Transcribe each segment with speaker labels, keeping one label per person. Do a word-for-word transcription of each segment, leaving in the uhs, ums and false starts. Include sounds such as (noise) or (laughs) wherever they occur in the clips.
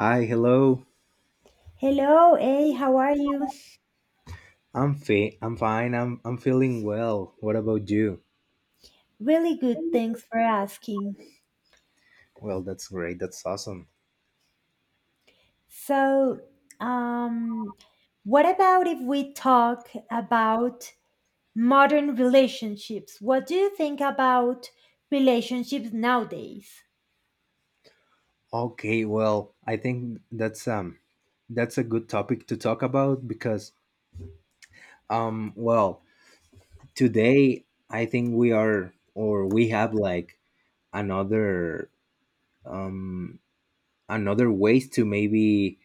Speaker 1: Hi, hello.
Speaker 2: Hello, hey, how are you?
Speaker 1: I'm fi- I'm fine. I'm I'm feeling well. What about you?
Speaker 2: Really good, thanks for asking.
Speaker 1: Well, that's great. That's awesome.
Speaker 2: So, um, what about if we talk about modern relationships? What do you think about relationships nowadays?
Speaker 1: Okay, well, I think that's um that's a good topic to talk about because um well, today I think we are or we have like another um another ways to maybe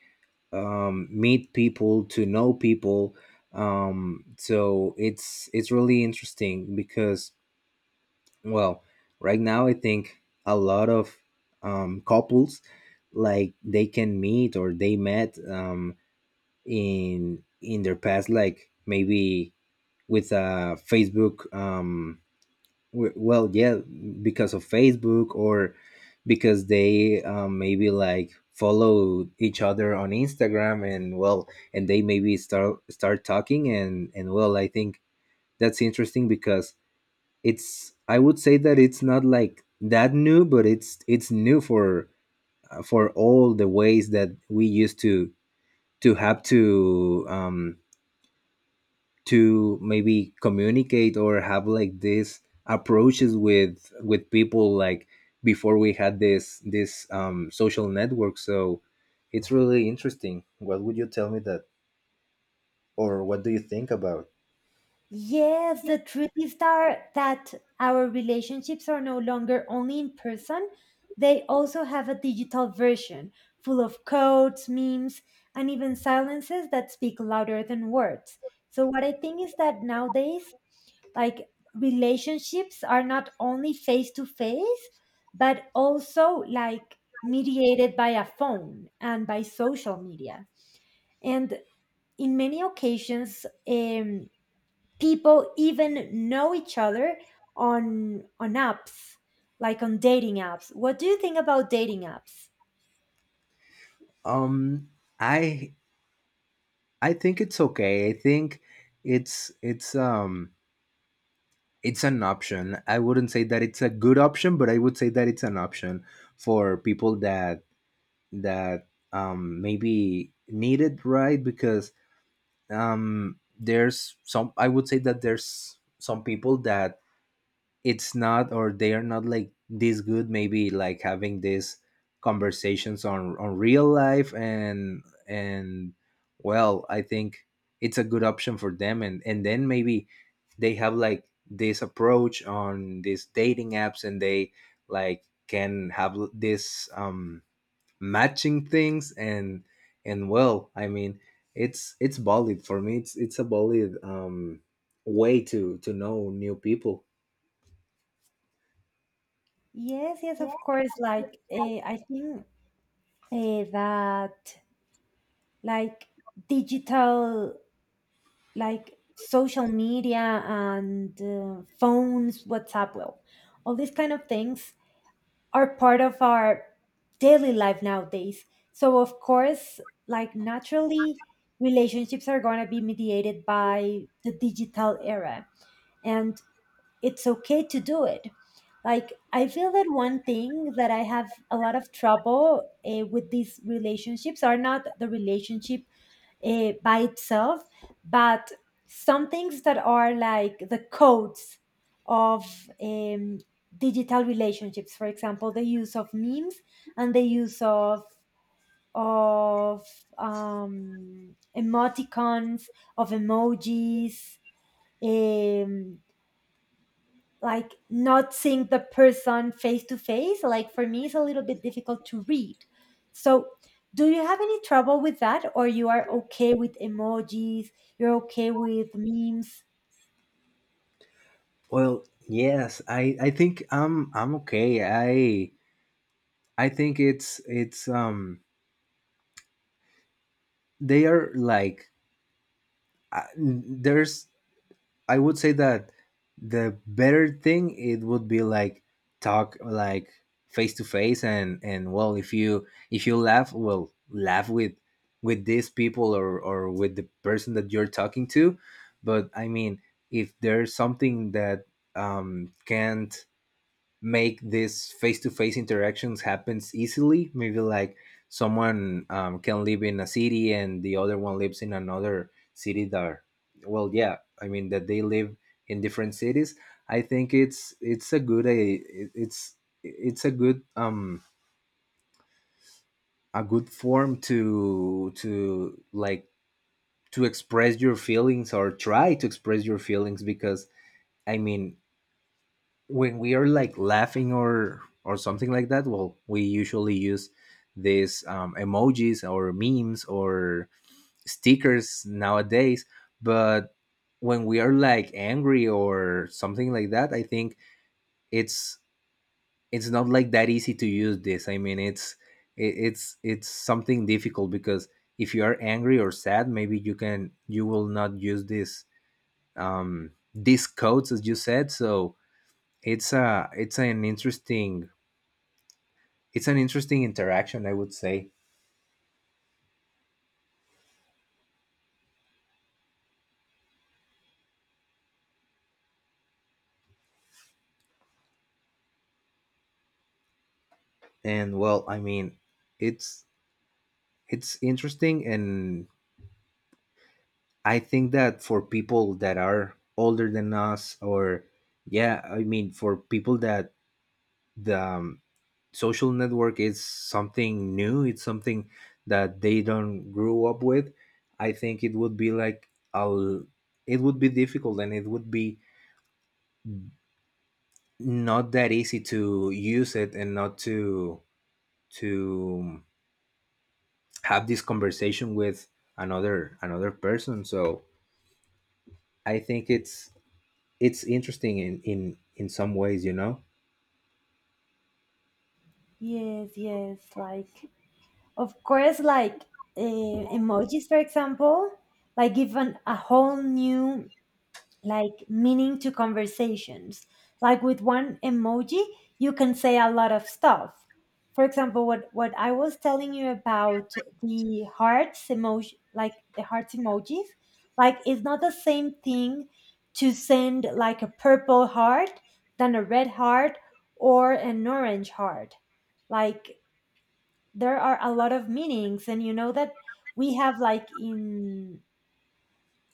Speaker 1: um meet people, to know people. Um so it's it's really interesting because, well, right now I think a lot of um, couples, like, they can meet or they met, um, in in their past, like maybe with a Facebook. Um, w- well, yeah, because of Facebook, or because they, um, maybe like follow each other on Instagram, and well, and they maybe start start talking, and and well, I think that's interesting because it's I would say that it's not like that new, but it's it's new for, uh, for all the ways that we used to to have to, um to maybe communicate or have like these approaches with with people, like, before we had this this um social network. So it's really interesting. What would you tell me that, or what do you think about?
Speaker 2: Yes, the truth is that, that our relationships are no longer only in person, they also have a digital version full of codes, memes, and even silences that speak louder than words. So, what I think is that nowadays, like relationships are not only face to face, but also like mediated by a phone and by social media. And in many occasions, um, people even know each other on on apps like on dating apps. What do you think about dating apps?
Speaker 1: um i i think it's okay. I think it's it's um it's an option. I wouldn't say that it's a good option, but I would say that it's an option for people that, that, um, maybe need it, right? Because, um, there's some. I would say that there's some people that, it's not, or they are not, like, this good maybe like having these conversations on on real life, and and well, I think it's a good option for them, and and then maybe they have like this approach on these dating apps, and they like can have this um matching things, and and well, I mean, it's it's valid for me. It's it's a valid um way to to know new people.
Speaker 2: Yes, yes, of course. Like uh, I think uh, that like digital, like social media and uh, phones, WhatsApp, well, all these kind of things are part of our daily life nowadays. So of course, like naturally, relationships are going to be mediated by the digital era, and it's okay to do it. Like I feel that one thing that I have a lot of trouble eh, with, these relationships are not the relationship uh, by itself, but some things that are like the codes of um, digital relationships. For example, the use of memes and the use of of um, emoticons, of emojis, um, like not seeing the person face to face, like for me it's a little bit difficult to read. So do you have any trouble with that, or you are okay with emojis, you're okay with memes?
Speaker 1: Well, yes, I I think I'm I'm okay. I I think it's it's um they are like, uh, there's, I would say that the better thing, it would be like, talk like face to face, and and well, if you, if you laugh, well, laugh with with these people, or or with the person that you're talking to. But I mean, if there's something that, um can't make this face-to-face interactions happens easily, maybe like, someone, um, can live in a city and the other one lives in another city, that, well, yeah, I mean, that they live in different cities, I think it's it's a good a it's it's a good um a good form to to like, to express your feelings, or try to express your feelings, because, I mean, when we are like laughing, or or something like that, well, we usually use these, um, emojis, or memes, or stickers nowadays. But when we are like angry or something like that, I think it's it's not like that easy to use this, I mean, it's it, it's it's something difficult because, if you are angry or sad, maybe you can, you will not use this, um these codes, as you said. So it's a, it's an interesting it's an interesting interaction, I would say. And well, I mean, it's it's interesting, and I think that for people that are older than us, or, yeah, I mean, for people that the, um, social network is something new, it's something that they don't grew up with. I think it would be like a l- it would be difficult, and it would be not that easy to use it, and not to, to have this conversation with another another person. So I think it's it's interesting in in in some ways, you know.
Speaker 2: Yes, yes, like of course, like uh, emojis for example, like given a whole new, like meaning to conversations. Like with one emoji, you can say a lot of stuff. For example, what what I was telling you about the hearts emoji, like the hearts emojis, like it's not the same thing to send like a purple heart than a red heart or an orange heart. Like there are a lot of meanings, and you know that we have like in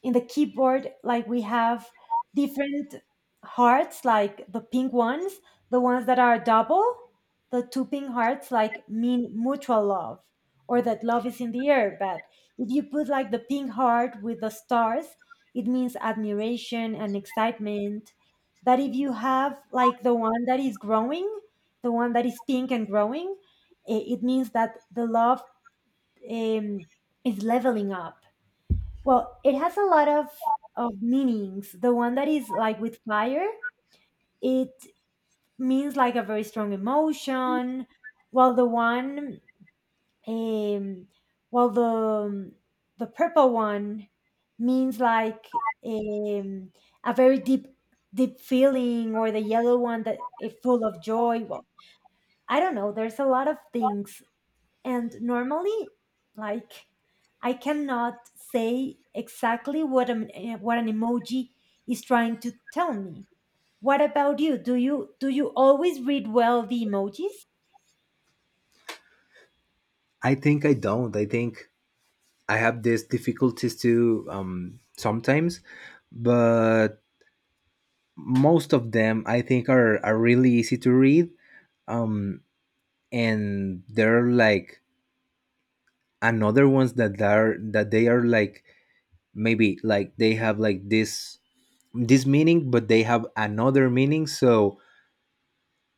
Speaker 2: in the keyboard, like we have different hearts, like the pink ones, the ones that are double, the two pink hearts like mean mutual love or that love is in the air. But if you put like the pink heart with the stars, it means admiration and excitement. But if you have like the one that is growing, the one that is pink and growing, i- it means that the love, um, is leveling up. Well, it has a lot of of meanings. The one that is like with fire, it means like a very strong emotion. While the one, um, while the um, the purple one means like, um, a very deep deep feeling, or the yellow one that is full of joy. Well, I don't know. There's a lot of things, and normally, like, I cannot say exactly what an, eh, what an emoji is trying to tell me. What about you? Do you do you always read well the emojis?
Speaker 1: I think i don't I think I have these difficulties too, um sometimes, but most of them, I think, are are really easy to read. um and they're like, another ones that are, that they are like, maybe like, they have like this this meaning, but they have another meaning, so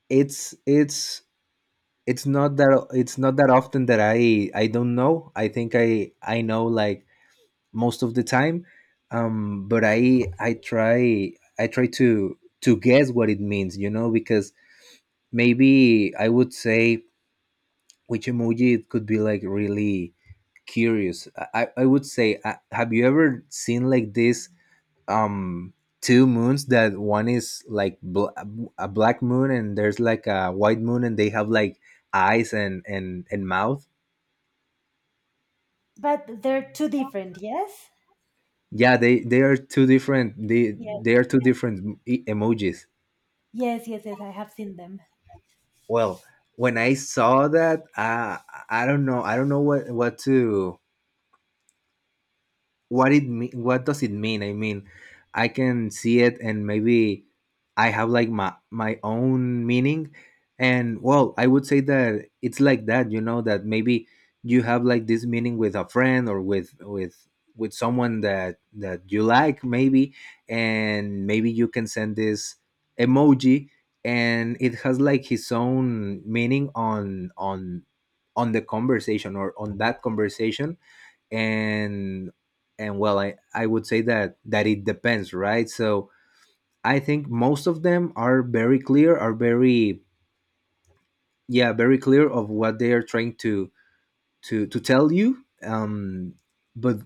Speaker 1: it's it's it's not that, it's not that often, that, I I don't know. I think i i know, like, most of the time. Um but i i try, I try to to guess what it means, you know, because maybe I would say which emoji it could be, like really curious. I i would say, uh, have you ever seen, like, this, um two moons, that one is like bl- a black moon, and there's like a white moon, and they have like eyes, and and and mouth.
Speaker 2: But they're too different, yes?
Speaker 1: Yeah, they they are two different, they
Speaker 2: Yes.
Speaker 1: they are two different e- emojis.
Speaker 2: Yes, yes, yes, I have seen them.
Speaker 1: Well, when I saw that, uh, I don't know, I don't know what what to what it me- what does it mean. I mean, I can see it, and maybe I have like my my own meaning. And well, I would say that it's like that, you know, that maybe you have like this meaning with a friend, or with with with someone that, that you like, maybe, and maybe you can send this emoji, and it has like his own meaning on, on on the conversation, or on that conversation. and and well, i i would say that, that it depends, right? So I think most of them are very clear, are very, yeah, very clear of what they are trying to, to to tell you. Um but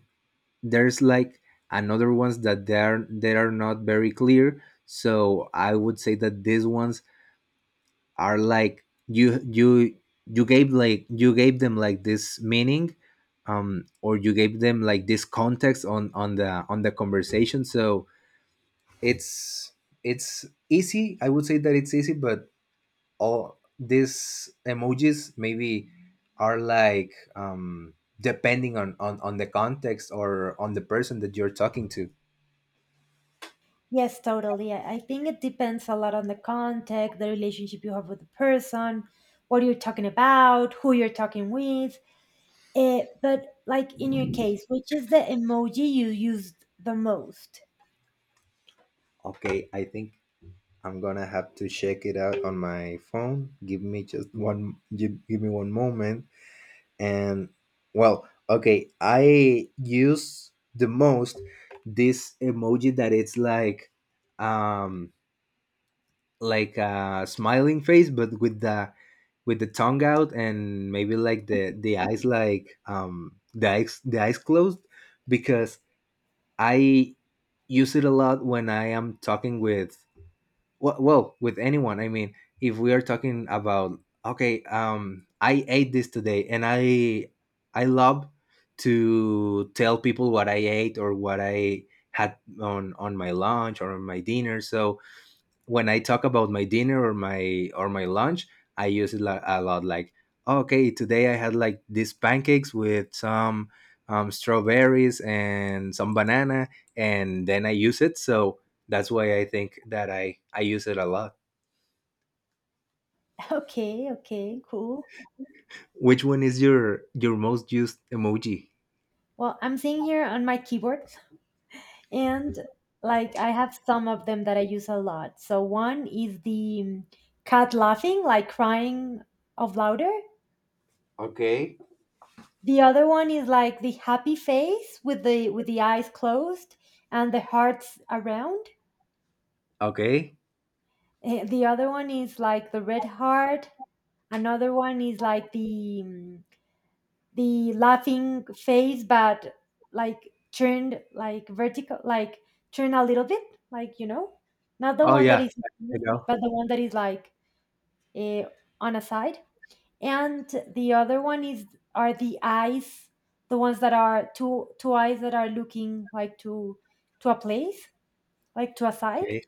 Speaker 1: there's like another ones that, they are, they are not very clear. So I would say that these ones are like, you you you gave, like, you gave them like this meaning, um or you gave them like this context on on the on the conversation. So it's it's easy, I would say that it's easy, but all these emojis maybe are like, um depending on, on on the context, or on the person that you're talking to.
Speaker 2: Yes, totally. I, I think it depends a lot on the context, the relationship you have with the person, what you're talking about, who you're talking with. Uh, but like in your case, which is the emoji you used the most?
Speaker 1: Okay, I think I'm gonna have to check it out on my phone. Give me just one, give, give me one moment. And well, okay, I use the most this emoji that it's like, um like a smiling face, but with the, with the tongue out, and maybe like the the eyes, like, um the eyes, the eyes closed, because I use it a lot when I am talking with, well, well, with anyone. I mean, if we are talking about, okay, um I ate this today, and i i love to tell people what I ate, or what I had on on my lunch, or on my dinner. So when I talk about my dinner, or my, or my lunch, I use it lo- a lot. Like, okay, today I had like these pancakes with some, um, strawberries and some banana, and then I use it. So that's why I think that I I use it a lot.
Speaker 2: (laughs) Okay, okay, cool.
Speaker 1: Which one is your your most used emoji?
Speaker 2: Well, I'm seeing here on my keyboard, and like I have some of them that I use a lot. So one is the um, cat laughing, like crying of louder.
Speaker 1: Okay.
Speaker 2: The other one is like the happy face with the with the eyes closed and the hearts around.
Speaker 1: Okay.
Speaker 2: Eh, The other one is like the red heart. Another one is like the, um, the laughing face, but like turned like vertical, like turn a little bit, like, you know, not the
Speaker 1: Oh
Speaker 2: one that
Speaker 1: yeah,
Speaker 2: is,
Speaker 1: I know.
Speaker 2: but the one that is like, eh, on a side. And the other one is, are the eyes, the ones that are two two eyes that are looking like to to a place, like to a side.
Speaker 1: Okay.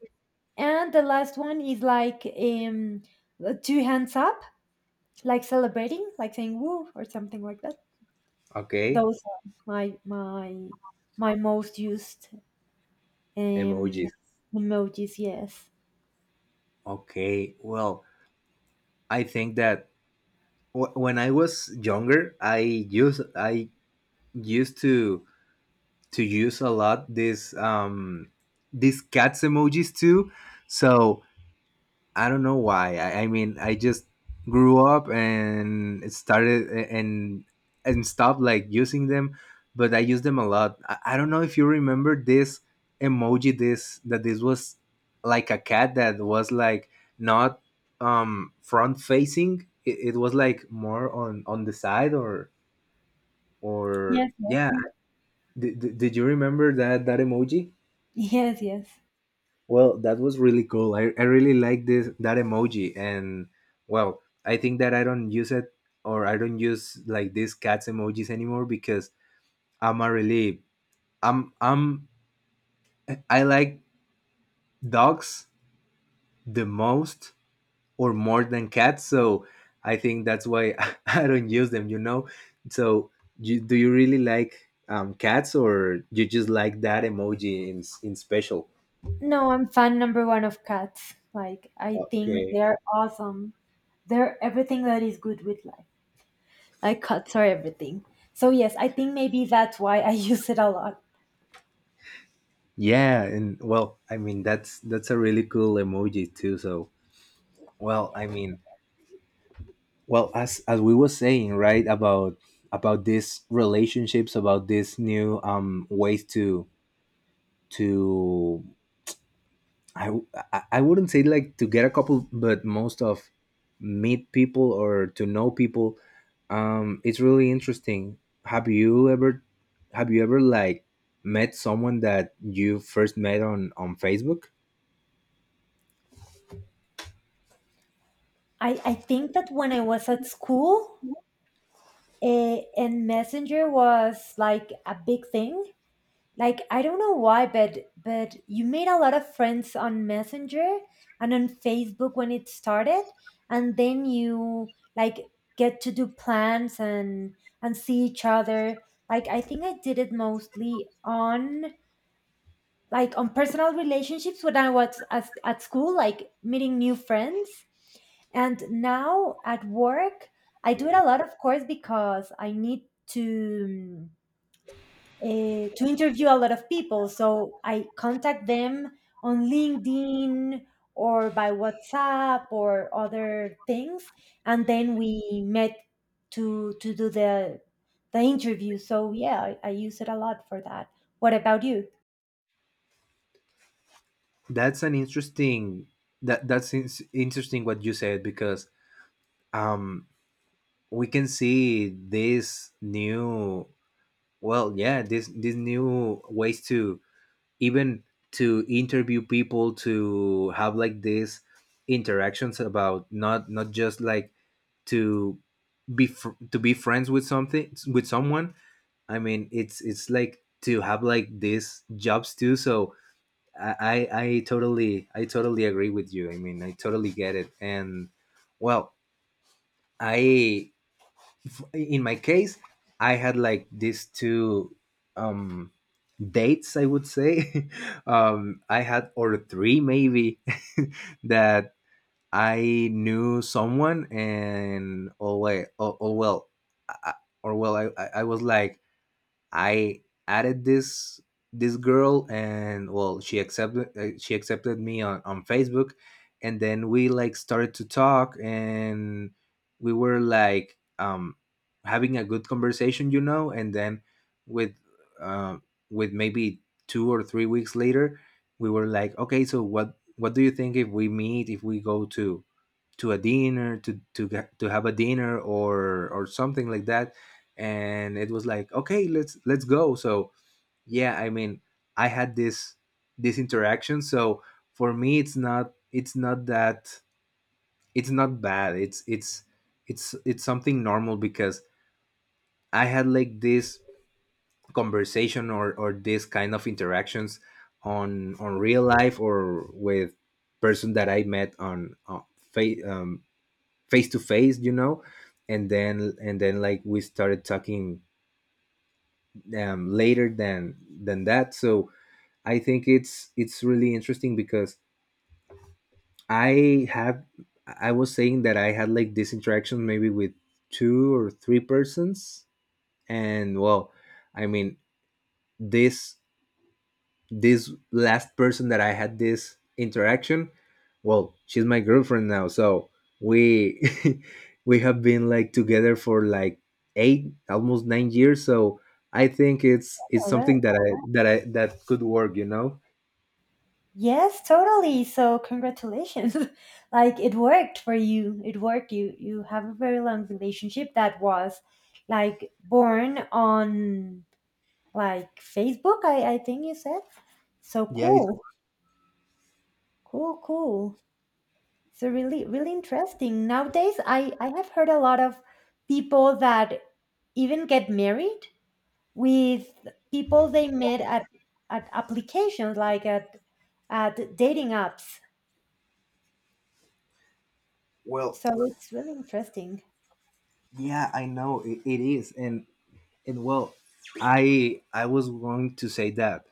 Speaker 2: And the last one is like, um two hands up, like celebrating, like saying woo or something like that.
Speaker 1: Okay.
Speaker 2: Those are my my my most used,
Speaker 1: Emojis.
Speaker 2: um, emojis. Yes,
Speaker 1: Okay. Well, I think that w- when I was younger, I used I used to to use a lot these, um these cats emojis too. So I don't know why. I, I mean, I just grew up and it started a- and and stopped like using them, but I use them a lot. I, I don't know if you remember this emoji. This that this was like a cat that was like, not, um front facing. It, it was like more on on the side, or or
Speaker 2: yes,
Speaker 1: yeah. Did, did did you remember that that emoji?
Speaker 2: yes, yes.
Speaker 1: Well, that was really cool. I, I really like this that emoji. And well, I think that I don't use it, or I don't use like these cats emojis anymore, because I'm a really, I'm I'm I like dogs the most, or more than cats, so I think that's why (laughs) I don't use them. You know, so you, do you really like, um, cats, or you just like that emoji in in special?
Speaker 2: No, I'm fan number one of cats. Like I think
Speaker 1: Okay.
Speaker 2: they're awesome. They're everything that is good with life. Like cats are everything. So yes, I think maybe that's why I (laughs) use it a lot.
Speaker 1: Yeah, and well, I mean, that's that's a really cool emoji too. So, well, I
Speaker 2: Yes.
Speaker 1: mean, well, as as we were saying, right, about about these relationships, about these new um ways to to I w- I I wouldn't say, like, to get a couple, but most of, meet people, or to know people. Um, it's really interesting. Have you ever have you ever like met someone that you first met on on Facebook?
Speaker 2: I, I think that when I was at school, eh, and Messenger was like a big thing. Like I don't know why, but but you made a lot of friends on Messenger and on Facebook when it started, and then you like get to do plans and and see each other. Like I think I did it mostly on, like on personal relationships when I was at, at school, like meeting new friends. And now at work, I do it a lot, of course, because I need to uh, to interview a lot of people. So I contact them on LinkedIn or by WhatsApp or other things, and then we met to to do the the interview. So yeah, I, I use it a lot for that. What about you?
Speaker 1: That's an interesting, that that's in- interesting what you said, because, um we can see this new, well, yeah, this, these new ways to, even, to interview people, to have like these interactions about, not, not just like, to be fr- to be friends with something, with someone. I mean, it's it's like to have like these jobs too. So I, I I totally I totally agree with you. I mean, I totally get it. And well, I, in my case, I had like these two, um dates, I would say. (laughs) um I had or three maybe, (laughs) that I knew someone. And oh wait, oh, oh well, I, or well, I I I was like, I added this this girl, and well, she accepted, uh, she accepted me on on Facebook, and then we like started to talk, and we were like um having a good conversation, you know, and then with uh, with maybe two or three weeks later. We were like, okay, so what what do you think if we meet, if we go to to a dinner, to to get, to have a dinner or or something like that. And it was like, okay, let's let's go. So yeah, I mean, I had this, this interaction. So for me it's not, it's not that it's not bad, it's it's it's it's something normal, because I had like this conversation or or this kind of interactions on on real life, or with person that I met on, on fa- um, face to face, you know. And then and then like we started talking um, later than than that. So I think it's it's really interesting because I had, I was saying that I had like this interaction maybe with two or three persons. And well, I mean, this this last person that I had this interaction, well, she's my girlfriend now. So we (laughs) we have been like together for like eight, almost nine years. So I think it's it's
Speaker 2: All right.
Speaker 1: something that I that I that could work. You know?
Speaker 2: Yes, totally. So congratulations. (laughs) Like it worked for you. It worked. You you have a very long relationship that was like born on, like Facebook, I, I think you said. So
Speaker 1: Yeah. It,
Speaker 2: cool, cool, cool. So really, really interesting. Nowadays, I, I have heard a lot of people that even get married with people they met at, at applications, like at, at dating apps.
Speaker 1: well,
Speaker 2: So it's really interesting.
Speaker 1: yeah, I know it, it is. and and well, I I was going to say that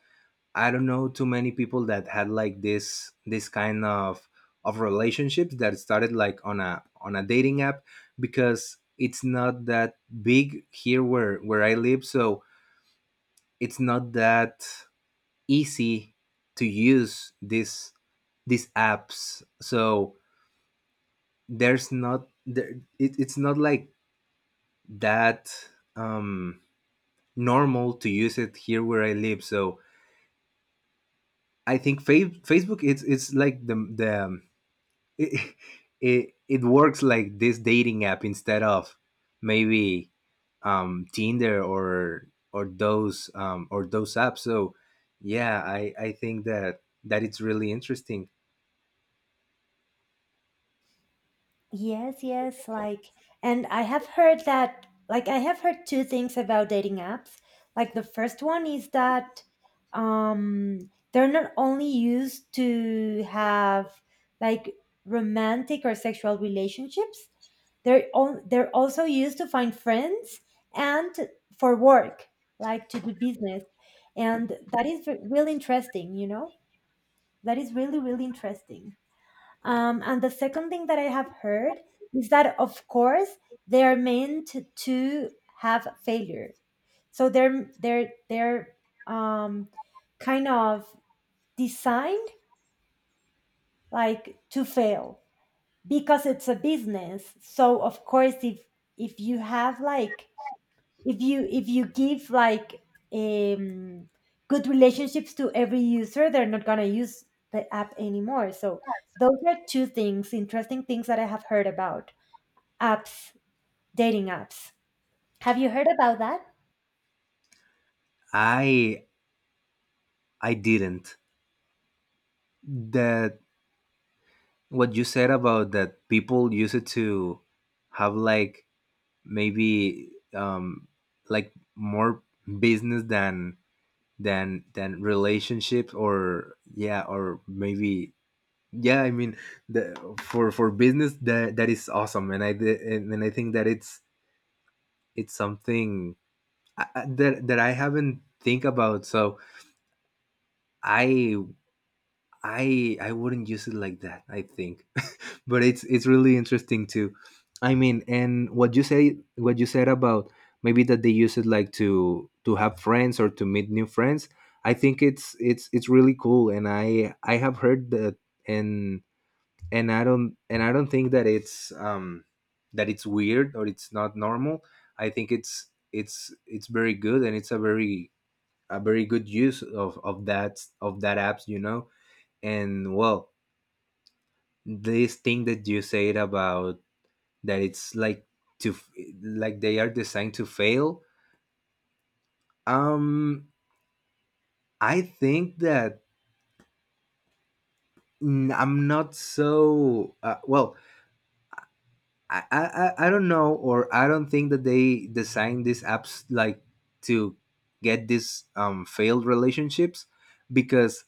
Speaker 1: I don't know too many people that had like this this kind of of relationships that started like on a on a dating app, because it's not that big here where where I live. So it's not that easy to use this, these apps. So there's not, there it, it's not like that, um normal, to use it here where I live. So I think fa- Facebook it's it's like the the it, it it works like this dating app instead of maybe um Tinder or or those um or those apps. So yeah, I I think that that it's really interesting.
Speaker 2: Yes, yes, like, and I have heard that, like I have heard two things about dating apps. Like the first one is that, um they're not only used to have like romantic or sexual relationships, they're on, they're also used to find friends and for work, like to do business. And that is re- really interesting, you know? That is really really interesting. Um, and the second thing that I have heard is that, of course, they are meant to have failure. So they're they're they're um, kind of designed like to fail, because it's a business. So of course, if if you have like, if you if you give like, um, good relationships to every user, they're not gonna use the app anymore. So those are two things, interesting things that I have heard about. Apps, dating apps. Have you heard about that?
Speaker 1: I I didn't, that what you said about that people use it to have like maybe um like more business than than than relationships, or yeah or maybe, yeah I mean, the, for for business, that that is awesome. And i did- and, and I think that it's it's something I- I- that that I haven't think about. So I i i wouldn't use it like that, I think. (laughs) But it's it's really interesting too. I mean, and what you say, what you said about maybe that they use it like to to have friends or to meet new friends, I think it's it's it's really cool. And i i have heard that, and and I don't, and I don't think that it's um that it's weird or it's not normal. I think it's it's it's very good, and it's a very, a very good use of of that, of that apps, you know. And well, this thing that you said about that it's like to f- like they are designed to fail, um I think that, mm, I'm not so, uh, well, I, I I I don't know, or I don't think that they design these apps like to get these, um, failed relationships, because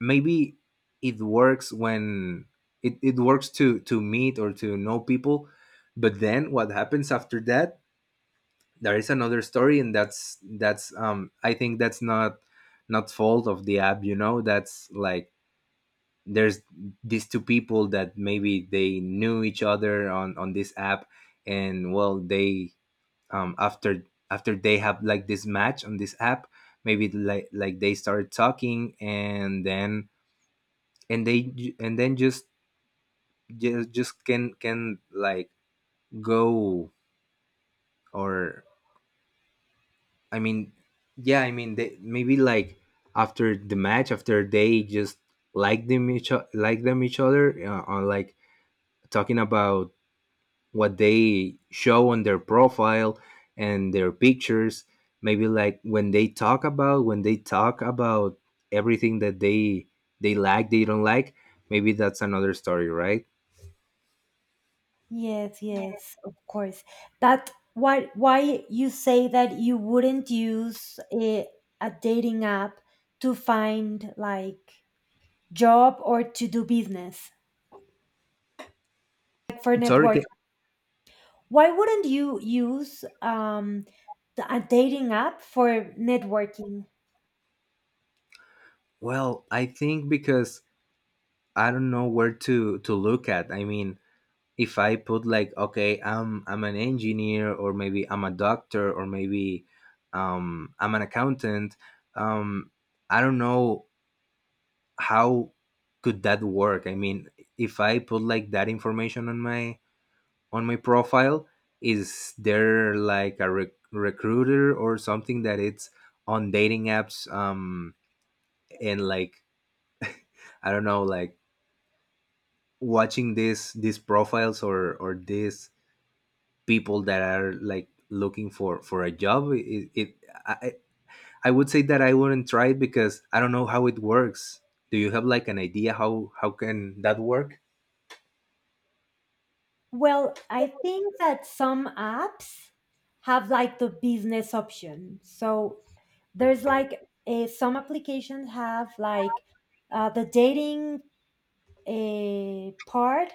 Speaker 1: maybe it works when it, it works to to meet or to know people. But then what happens after that? There is another story. And that's that's um I think that's not, not fault of the app, you know. That's like, there's these two people that maybe they knew each other on on this app, and well they, um after, after they have like this match on this app, maybe like like they started talking. And then and they ju- and then just, just, just can can like go. Or, I mean, yeah, I mean, they maybe like, after the match, after they just like them each o- like them each other, uh, on like talking about what they show on their profile and their pictures. Maybe like when they talk about, when they talk about everything that they they like, they don't like, maybe that's another story, right?
Speaker 2: Yes, yes, of course. That, why why you say that you wouldn't use a, a dating app to find like job or to do business, like for
Speaker 1: Sorry,
Speaker 2: network.
Speaker 1: ca-
Speaker 2: Why wouldn't you use, um the, a dating app for networking?
Speaker 1: well, I think because I don't know where to to look at. I mean, if I put like, okay, i'm i'm an engineer, or maybe I'm a doctor, or maybe um I'm an accountant, um I don't know how could that work. I mean, if I put like that information on my, on my profile, is there like a rec- recruiter or something that it's on dating apps, um and like (laughs) I don't know, like watching this, these profiles or or these people that are like looking for for a job, it, it I, I I would say that I wouldn't try it, because I don't know how it works. Do you have like an idea how how can that work?
Speaker 2: Well, I think that some apps have like the business option. So there's like, eh, some applications have like, uh, the dating, eh, part,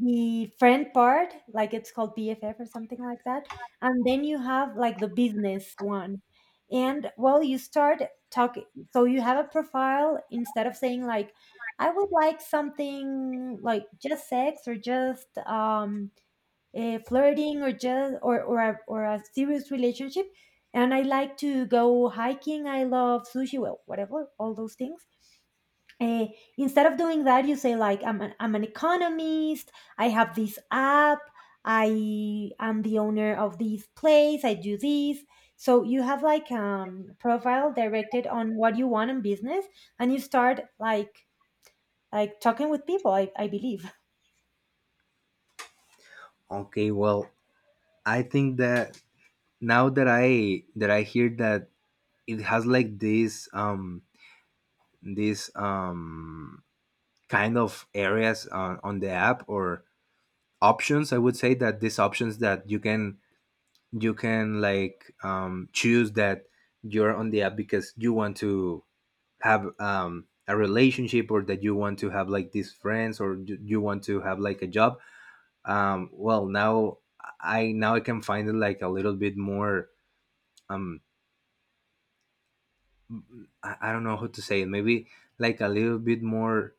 Speaker 2: the friend part, like it's called B F F or something like that. And then you have like the business one. And well, you start talking. So you have a profile, instead of saying like, "I would like something like just sex or just um uh, flirting, or just or or a, or a serious relationship. And I like to go hiking. I love sushi. Well, whatever, all those things." Uh, Instead of doing that, you say like, "I'm an, I'm an economist. I have this app. I am the owner of this place. I do this." So you have like, um profile directed on what you want in business, and you start like like talking with people. I I believe. (laughs)
Speaker 1: Okay, well, I think that now that I that I hear that it has like this, um this, um kind of areas on, on the app, or options, I would say that these options that you can, you can like, um choose that you're on the app because you want to have, um a relationship, or that you want to have like these friends, or you you want to have like a job. um well now, I, now I can find it like a little bit more, um I, I don't know how to say it, maybe like a little bit more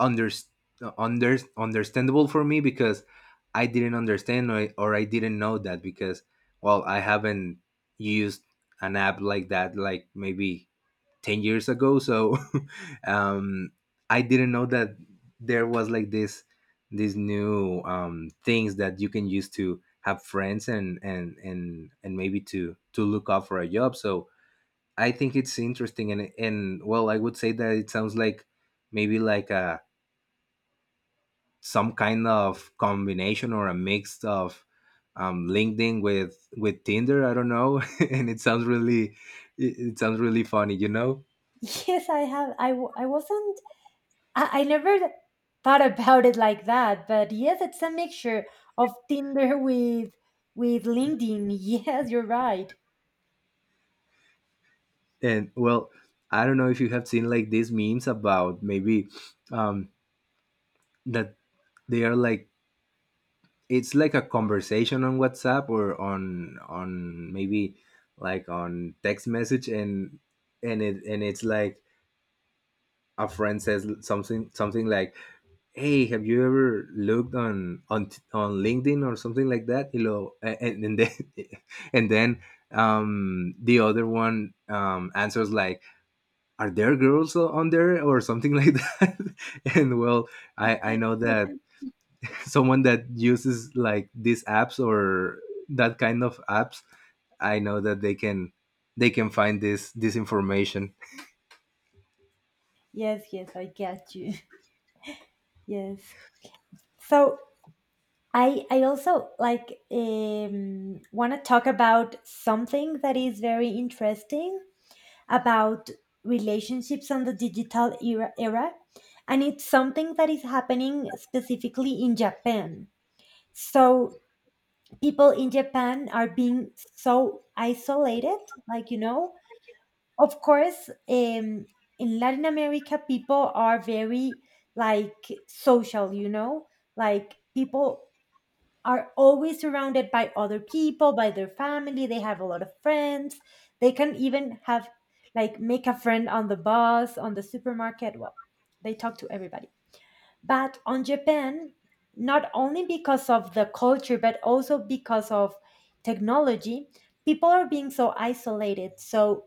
Speaker 1: under, under understandable for me, because I didn't understand, or, or I didn't know that, because well, I haven't used an app like that like maybe ten years ago. So (laughs) um I didn't know that there was like this, these new um things that you can use to have friends and and and and maybe to to look up for a job. So I think it's interesting. and and well, I would say that it sounds like maybe like a, some kind of combination or a mix of, um, LinkedIn with with Tinder. I don't know. (laughs) And it sounds really, it, it sounds really funny, you know.
Speaker 2: Yes, I have. I w- I wasn't I, I never thought about it like that, but yes, it's a mixture of Tinder with with LinkedIn. (laughs) Yes, you're right.
Speaker 1: And well, I don't know if you have seen like these memes about maybe, um, that they are like, it's like a conversation on WhatsApp, or on on maybe like on text message. and and it and it's like a friend says something, something like, hey, have you ever looked on on on LinkedIn or something like that, you know. and, and then (laughs) and then um the other one um answers like, are there girls o- on there or something like that. (laughs) And well, i i know that, (laughs) someone that uses like these apps, or that kind of apps, I know that they can, they can find this, this information.
Speaker 2: Yes, yes, I get you. (laughs) Yes. So I I also like, um want to talk about something that is very interesting about relationships on the digital era era, and it's something that is happening specifically in Japan. So people in Japan are being so isolated. Like, you know, of course, um, in Latin America, people are very like social, you know, like people are always surrounded by other people, by their family. They have a lot of friends. They can even have like make a friend on the bus, on the supermarket. Well, they talk to everybody, but on Japan, not only because of the culture, but also because of technology, people are being so isolated. So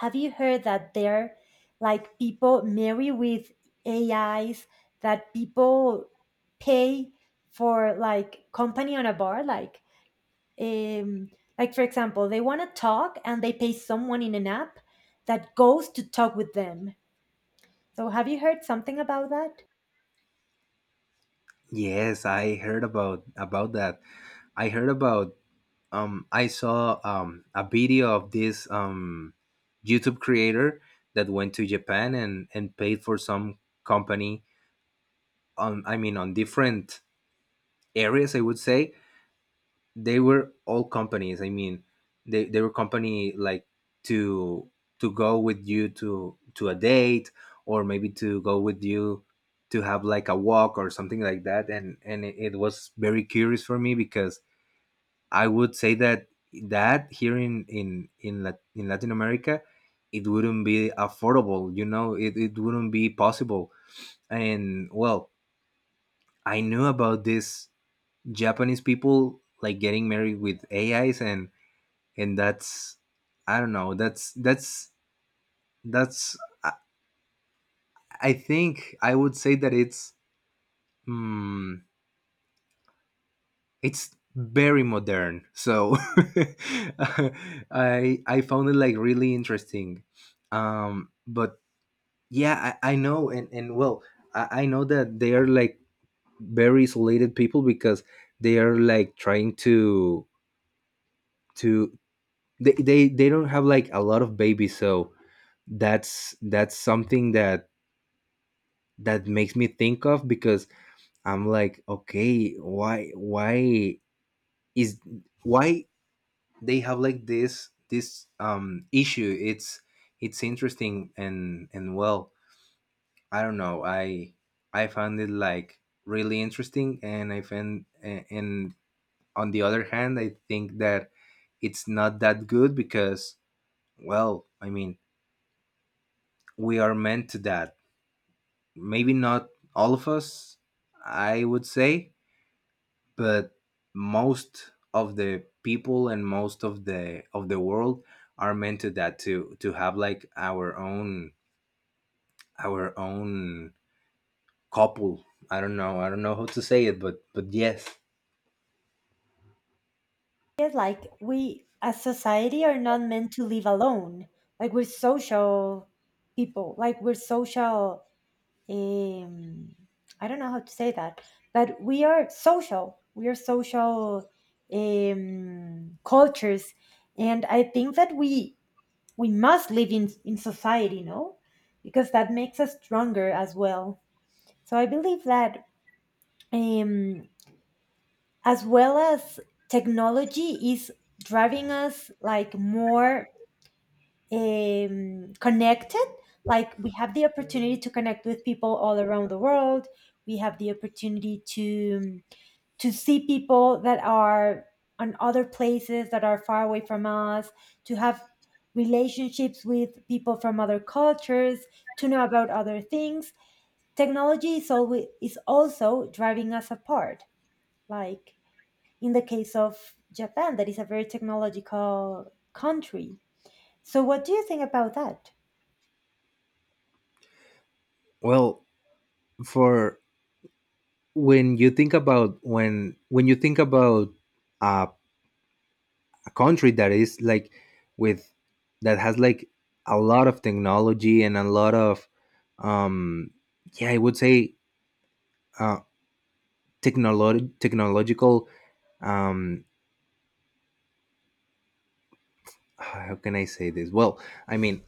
Speaker 2: have you heard that there, like people marry with AIs, that people pay for like company on a bar, like, um like for example they want to talk and they pay someone in an app that goes to talk with them. So have you heard something about that?
Speaker 1: Yes, I heard about about that. I heard about, um I saw um a video of this um YouTube creator that went to Japan and and paid for some company on, I mean on different areas, I would say. They were all companies, I mean, they, they were company like to to go with you to to a date, or maybe to go with you to have like a walk or something like that. and and it, it was very curious for me, because I would say that, that here in in in, Lat- in Latin America it wouldn't be affordable, you know. it, it wouldn't be possible. And well, I knew about this Japanese people like getting married with AIs. and and that's, I don't know, that's that's that's i, I think I would say that it's, mm, it's very modern. So (laughs) i i found it like really interesting. um but yeah, i, I know. and and well, I, I know that they are like very isolated people, because they are like trying to to they, they they don't have like a lot of babies. So that's that's something that that makes me think of, because I'm like, okay, why why is, why they have like this this um issue? It's it's interesting. and and well, I don't know. I I found it like really interesting. And I found a- and on the other hand, I think that it's not that good, because well, I mean, we are meant to that. Maybe not all of us, I would say, but most of the people and most of the of the world are meant to that to to have like our own our own couple. I don't know i don't know how to say it, but but yes.
Speaker 2: Yeah, like we as society are not meant to live alone. Like we're social people. Like we're social. Um, I don't know how to say that, but we are social. We are social, um, cultures, and I think that we we must live in in society, no, because that makes us stronger as well. So I believe that. Um, as well as technology is driving us like more, um, connected. Like we have the opportunity to connect with people all around the world, we have the opportunity to to see people that are on other places that are far away from us, to have relationships with people from other cultures, to know about other things. Technology is always is also driving us apart, like in the case of Japan, that is a very technological country. So, what do you think about that?
Speaker 1: Well, for when you think about when when you think about uh, a country that is like with that has like a lot of technology and a lot of um yeah, I would say uh, technolo- technological. um how can I say this? Well, I mean,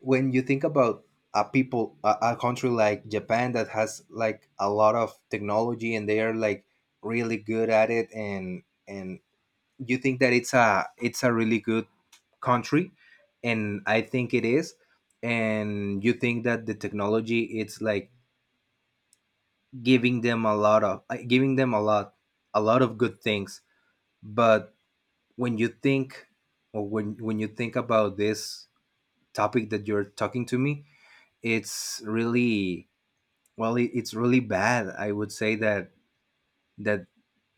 Speaker 1: when you think about a people a, a country like Japan that has like a lot of technology and they are like really good at it, and and you think that it's a it's a really good country, and I think it is. And you think that the technology it's like giving them a lot of uh, giving them a lot, a lot of good things. But when you think, or when when you think about this topic that you're talking to me, it's really, well it, it's really bad. I would say that that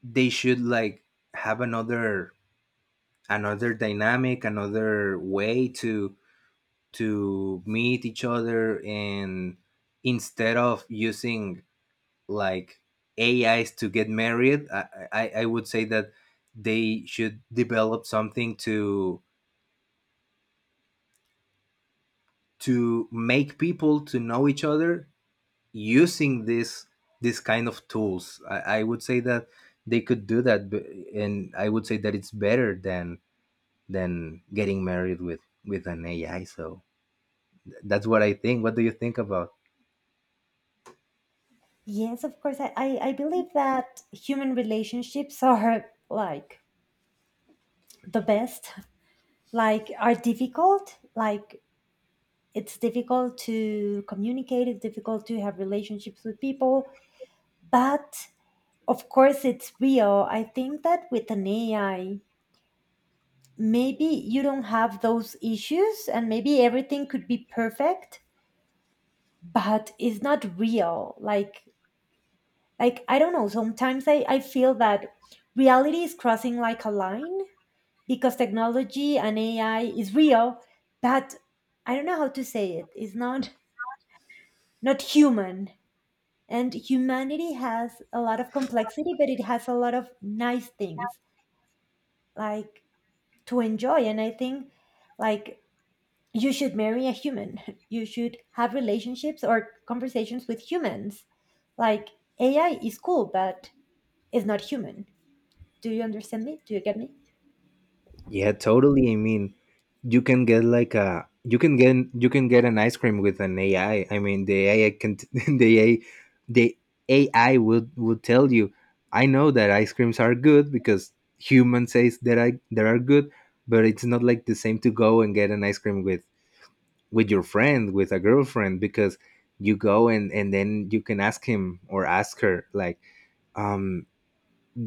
Speaker 1: they should like have another, another dynamic, another way to to meet each other, and instead of using like ais to get married, i i, I would say that they should develop something to to make people to know each other using this this kind of tools. I, I would say that they could do that, but, and I would say that it's better than than getting married with with an A I. So that's what I think. What do you think about?
Speaker 2: Yes, of course. I, I, I believe that human relationships are like the best, like, are difficult. Like, it's difficult to communicate, it's difficult to have relationships with people, but of course, it's real. I think that with an A I, maybe you don't have those issues and maybe everything could be perfect, but it's not real. Like like I don't know, sometimes, i, I feel that reality is crossing like a line, because technology and AI is real, but I don't know how to say it, it's not not human. And humanity has a lot of complexity, but it has a lot of nice things, like to enjoy. And I think, like you should marry a human. (laughs) You should have relationships or conversations with humans. Like A I is cool, but it's not human. Do you understand me? Do you get me?
Speaker 1: Yeah, totally. I mean, you can get like a you can get you can get an ice cream with an A I. I I mean, the AI can t- (laughs) the A I the A I will will tell you. I know that ice creams are good because human says that I that are good, but it's not like the same to go and get an ice cream with with your friend, with a girlfriend, because you go and and then you can ask him or ask her like um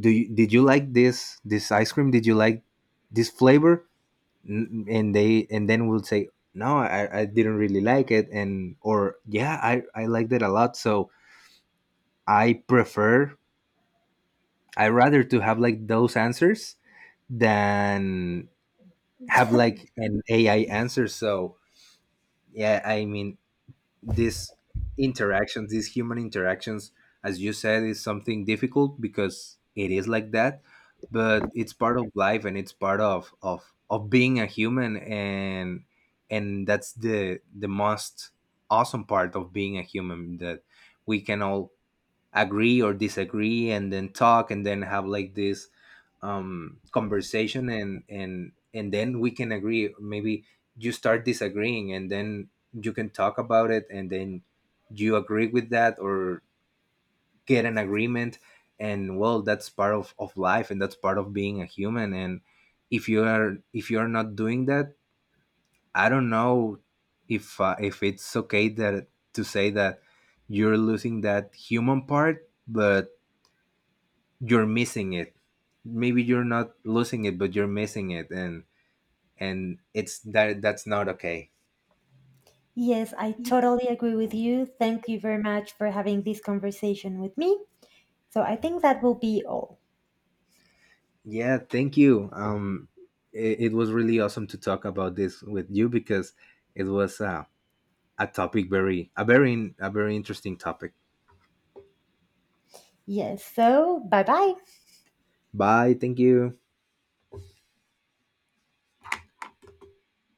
Speaker 1: do you, did you like this this ice cream, did you like this flavor? N- and they, and then we'll say no, I, I didn't really like it, and or yeah, I, I liked it a lot. So I prefer, I rather to have like those answers than have like an ai answer. So yeah, I mean, these interactions, these human interactions, as you said, is something difficult because it is like that, but it's part of life and it's part of of of being a human. and and that's the the most awesome part of being a human, that we can all agree or disagree and then talk and then have like this um conversation, and and and then we can agree. Maybe you start disagreeing and then you can talk about it and then you agree with that, or get an agreement. And well, that's part of of life, and that's part of being a human. And if you are, if you are not doing that, I don't know if uh, if it's okay that to say that you're losing that human part, but you're missing it. Maybe you're not losing it, but you're missing it. And and it's that, that's not okay.
Speaker 2: Yes, I totally agree with you. Thank you very much for having this conversation with me. So I think that will be all.
Speaker 1: Yeah, thank you. um it, it was really awesome to talk about this with you, because it was uh, a topic very a very a very interesting topic.
Speaker 2: Yes, so bye bye.
Speaker 1: Bye, thank you.